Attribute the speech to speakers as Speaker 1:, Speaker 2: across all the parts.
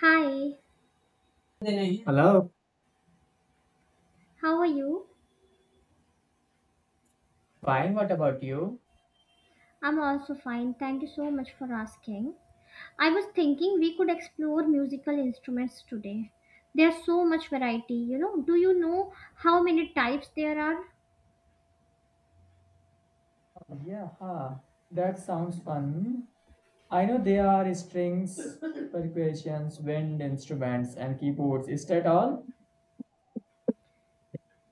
Speaker 1: Hi,
Speaker 2: Hello.
Speaker 1: how are you?
Speaker 2: Fine. What about you?
Speaker 1: I'm also fine. Thank you so much for asking. I was thinking we could explore musical instruments today. There's so much variety, you know. Do you know how many types there are?
Speaker 2: Yeah, huh, that sounds fun. I know there are strings, percussions, wind instruments, and keyboards. Is that all?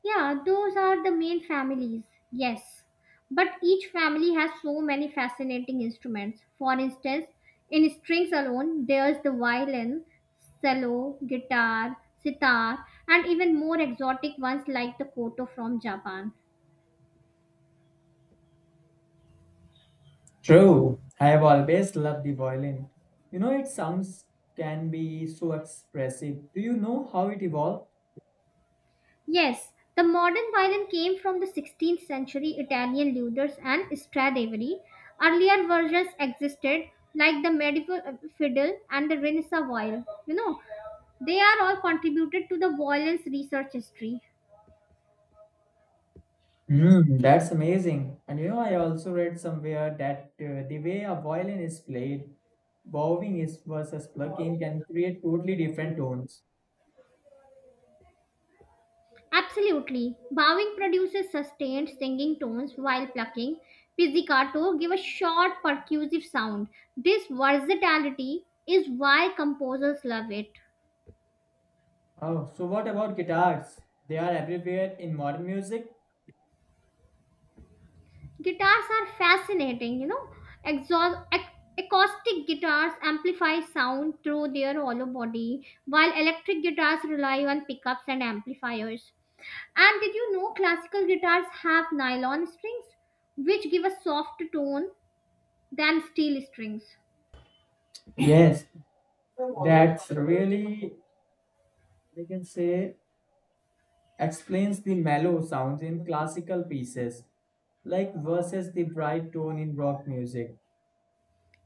Speaker 1: Yeah, those are the main families. Yes. But each family has so many fascinating instruments. For instance, in strings alone, there's the violin, cello, guitar, sitar, and even more exotic ones like the koto from Japan.
Speaker 2: True. I have always loved the violin. You know, its sounds can be so expressive. Do you know how it evolved?
Speaker 1: Yes, the modern violin came from the 16th century Italian luthiers and Stradivari. Earlier versions existed, like the medieval fiddle and the Renaissance violin. You know, they are all contributed to the violin's research history.
Speaker 2: Mm, that's amazing. And you know, I also read somewhere that the way a violin is played, bowing is versus plucking, can create totally different tones.
Speaker 1: Absolutely. Bowing produces sustained singing tones while plucking. Pizzicato give a short percussive sound. This versatility is why composers love it.
Speaker 2: Oh, so what about guitars? They are everywhere in modern music.
Speaker 1: Guitars are fascinating, you know. exhaust ac- Acoustic guitars amplify sound through their hollow body, while electric guitars rely on pickups and amplifiers. And did you know classical guitars have nylon strings, which give a soft tone than steel strings?
Speaker 2: Yes, that really, we can say, explains the mellow sounds in classical pieces, like versus the bright tone in rock music.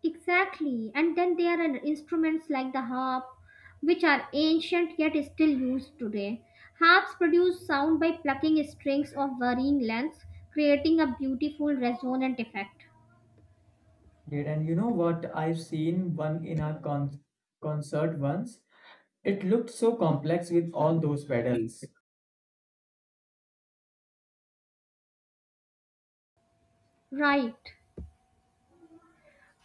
Speaker 1: Exactly. And then there are instruments like the harp, which are ancient yet still used today. Harps produce sound by plucking strings of varying lengths, creating a beautiful resonant effect.
Speaker 2: Yeah, and you know what? I've seen one in a concert once. It looked so complex with all those pedals.
Speaker 1: Right.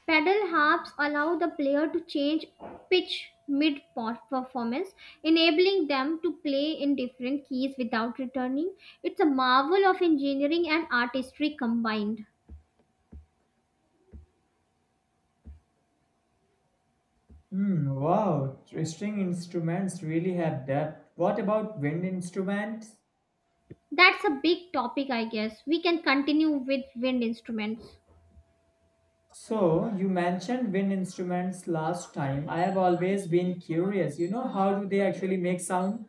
Speaker 1: Pedal harps allow the player to change pitch mid performance, enabling them to play in different keys without returning. It's a marvel of engineering and artistry combined.
Speaker 2: Hmm, wow, string instruments really have depth. What about wind instruments?
Speaker 1: That's a big topic, I guess. We can continue with wind instruments.
Speaker 2: So, you mentioned wind instruments last time. I have always been curious, you know, how do they actually make sound?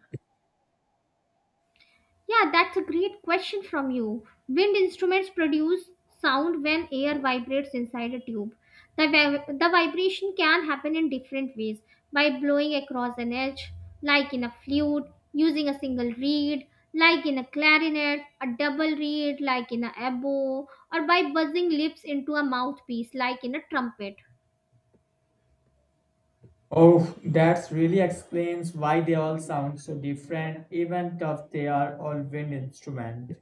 Speaker 1: Yeah, that's a great question from you. Wind instruments produce sound when air vibrates inside a tube. The vibration can happen in different ways: by blowing across an edge, like in a flute, using a single reed, like in a clarinet, a double reed, like in a oboe, or by buzzing lips into a mouthpiece, like in a trumpet.
Speaker 2: Oh, that really explains why they all sound so different, even if they are all wind instruments.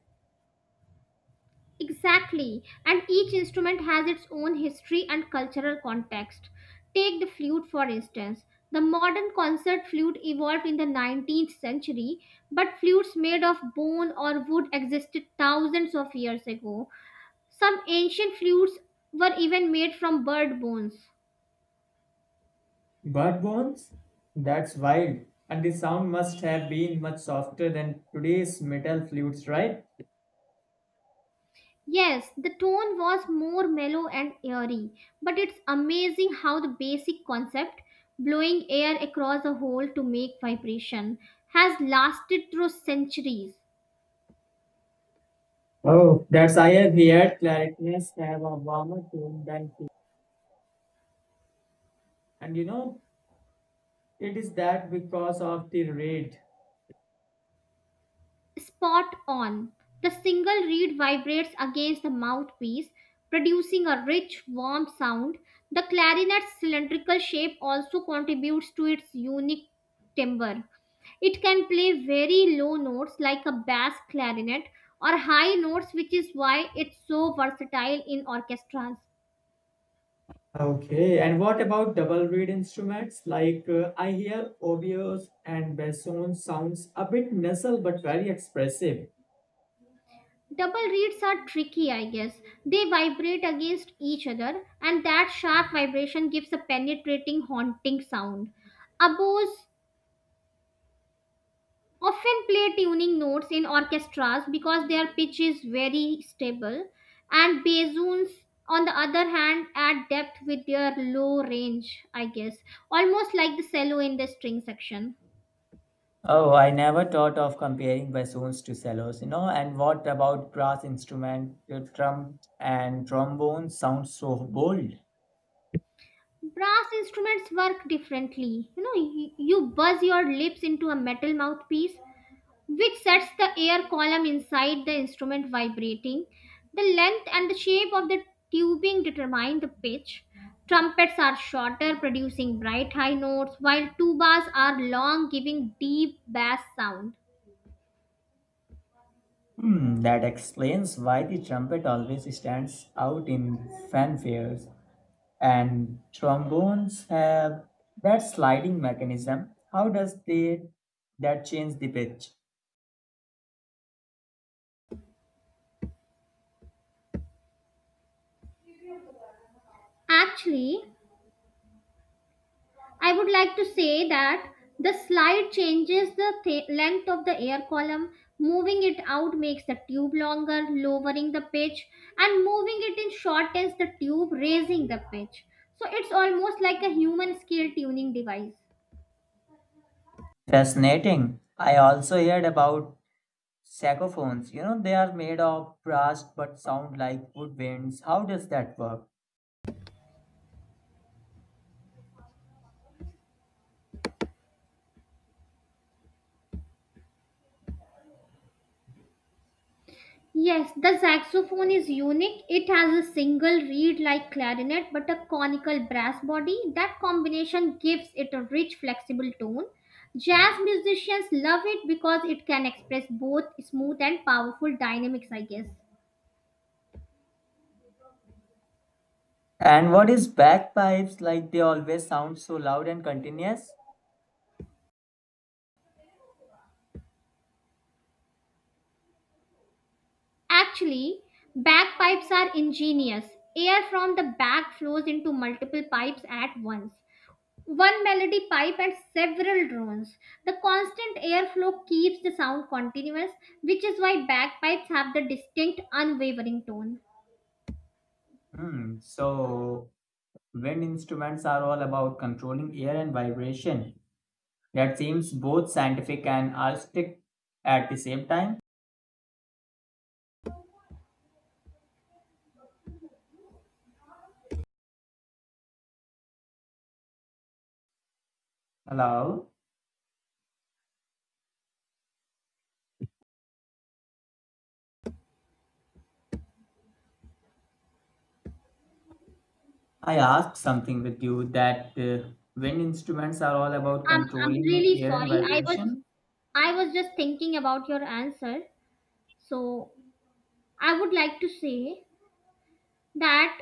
Speaker 1: Exactly, and each instrument has its own history and cultural context. Take the flute, for instance. The modern concert flute evolved in the 19th century, but flutes made of bone or wood existed thousands of years ago. Some ancient flutes were even made from bird bones.
Speaker 2: Bird bones? That's wild. And the sound must have been much softer than today's metal flutes, right?
Speaker 1: Yes, the tone was more mellow and airy, but it's amazing how the basic concept, blowing air across a hole to make vibration, has lasted through centuries.
Speaker 2: Oh, that's, I have heard clarinets have a warmer tone than, and you know, it is that because of the rate.
Speaker 1: Spot on. The single reed vibrates against the mouthpiece, producing a rich, warm sound. The clarinet's cylindrical shape also contributes to its unique timbre. It can play very low notes like a bass clarinet or high notes, which is why it's so versatile in orchestras.
Speaker 2: Okay, and what about double reed instruments? Like I hear oboes and bassoon sounds a bit nasal but very expressive.
Speaker 1: Double reeds are tricky, I guess. They vibrate against each other, and that sharp vibration gives a penetrating, haunting sound. Oboes often play tuning notes in orchestras because their pitch is very stable, and bassoons, on the other hand, add depth with their low range, I guess, almost like the cello in the string section.
Speaker 2: Oh, I never thought of comparing bassoons to cellos, you know. And what about brass instrument, trum and trombone sounds so bold?
Speaker 1: Brass instruments work differently, you know. You buzz your lips into a metal mouthpiece, which sets the air column inside the instrument vibrating. The length and the shape of the tubing determine the pitch. Trumpets are shorter, producing bright high notes, while tubas are long, giving deep bass sound.
Speaker 2: Hmm, that explains why the trumpet always stands out in fanfares, and trombones have that sliding mechanism. How does they that change the pitch?
Speaker 1: Actually, I would like to say that the slide changes the length of the air column. Moving it out makes the tube longer, lowering the pitch, and moving it in shortens the tube, raising the pitch. So it's almost like a human scale tuning device.
Speaker 2: Fascinating. I also heard about saxophones. You know, they are made of brass but sound like wood winds. How does that work?
Speaker 1: Yes, the saxophone is unique. It has a single reed like clarinet but a conical brass body. That combination gives it a rich, flexible tone. Jazz musicians love it because it can express both smooth and powerful dynamics, I guess.
Speaker 2: And what is bagpipes like? They always sound so loud and continuous.
Speaker 1: Actually, bagpipes are ingenious. Air from the bag flows into multiple pipes at once: one melody pipe and several drones. The constant airflow keeps the sound continuous, which is why bagpipes have the distinct, unwavering tone.
Speaker 2: Hmm. So wind instruments are all about controlling air and vibration. That seems both scientific and artistic at the same time. Hello, I asked something with you that wind instruments are all about
Speaker 1: I'm
Speaker 2: controlling
Speaker 1: really
Speaker 2: air and
Speaker 1: sorry.
Speaker 2: vibration.
Speaker 1: I was just thinking about your answer. So I would like to say that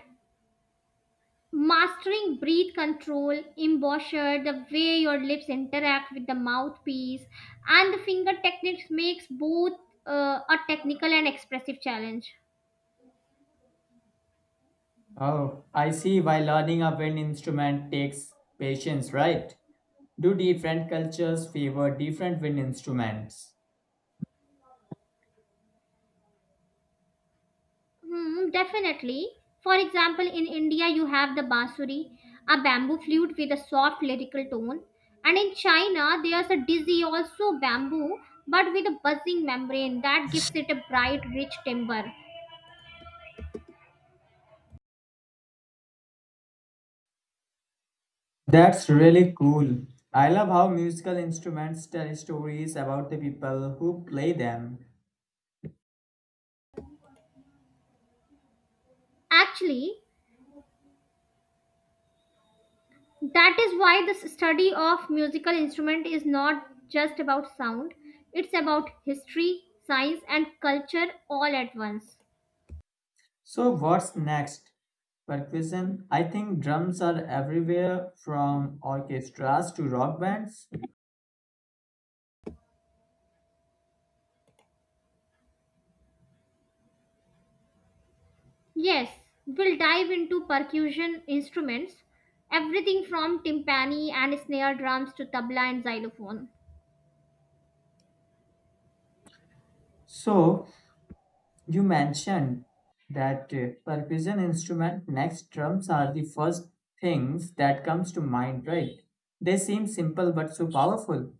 Speaker 1: mastering breath control, embouchure, the way your lips interact with the mouthpiece, and the finger techniques makes both a technical and expressive challenge.
Speaker 2: Oh, I see why learning a wind instrument takes patience, right? Do different cultures favor different wind instruments?
Speaker 1: Hmm, definitely. For example, in India, you have the bansuri, a bamboo flute with a soft lyrical tone. And in China, there's a dizzy, also bamboo, but with a buzzing membrane that gives it a bright, rich timbre.
Speaker 2: That's really cool. I love how musical instruments tell stories about the people who play them.
Speaker 1: Actually, that is why the study of musical instrument is not just about sound, it's about history, science, and culture all at once.
Speaker 2: So what's next? Percussion. I think drums are everywhere from orchestras to rock bands.
Speaker 1: Yes, we'll dive into percussion instruments, everything from timpani and snare drums to tabla and xylophone.
Speaker 2: So you mentioned that percussion instrument next, drums are the first things that comes to mind, right? They seem simple but so powerful.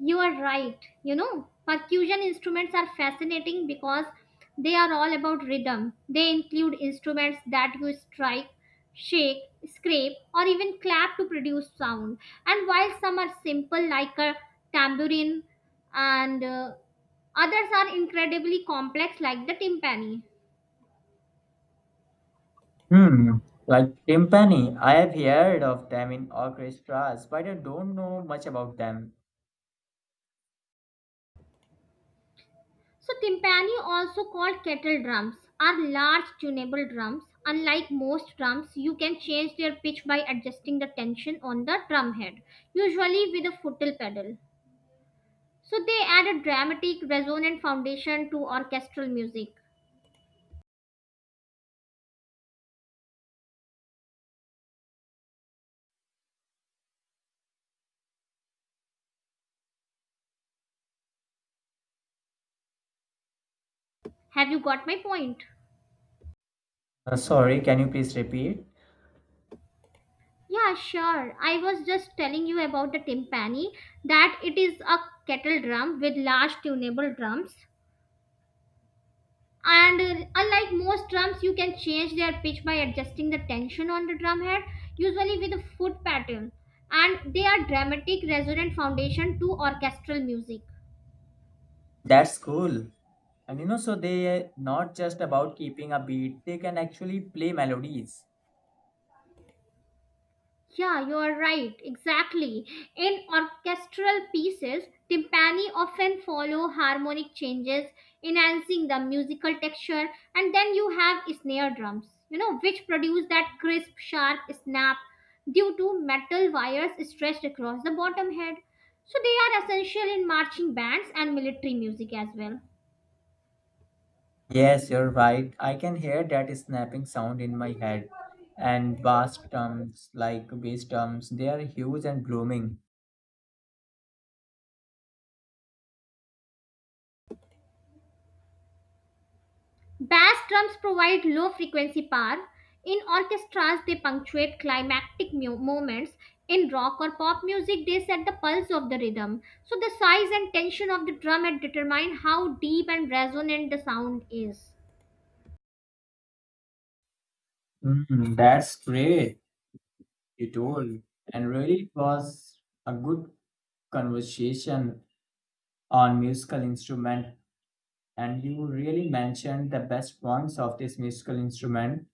Speaker 1: You are right. You know, percussion instruments are fascinating because they are all about rhythm. They include instruments that you strike, shake, scrape, or even clap to produce sound. And while some are simple, like a tambourine, and others are incredibly complex, like the timpani.
Speaker 2: Hmm, like timpani. I have heard of them in orchestras, but I don't know much about them.
Speaker 1: So timpani, also called kettle drums, are large tunable drums. Unlike most drums, you can change their pitch by adjusting the tension on the drumhead, usually with a foot pedal. So they add a dramatic, resonant foundation to orchestral music. Have you got my point?
Speaker 2: Sorry, can you please repeat?
Speaker 1: Yeah, sure. I was just telling you about the timpani, that it is a kettle drum with large tunable drums, and unlike most drums, you can change their pitch by adjusting the tension on the drum head, usually with a foot pattern, and they are dramatic resonant foundation to orchestral music.
Speaker 2: That's cool. And you know, so they not just about keeping a beat, they can actually play melodies.
Speaker 1: Yeah, you are right, exactly. In orchestral pieces, timpani often follow harmonic changes, enhancing the musical texture, and then you have snare drums, you know, which produce that crisp, sharp snap due to metal wires stretched across the bottom head. So they are essential in marching bands and military music as well.
Speaker 2: Yes, you're right. I can hear that snapping sound in my head. And bass drums, like bass drums, they are huge and blooming.
Speaker 1: Bass drums provide low frequency power. In orchestras, they punctuate climactic moments. In rock or pop music, they set the pulse of the rhythm. So, the size and tension of the drum determine how deep and resonant the sound is.
Speaker 2: Mm, that's great, you told. And really, it was a good conversation on musical instrument. And you really mentioned the best points of this musical instrument.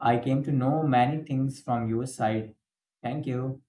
Speaker 2: I came to know many things from your side. Thank you.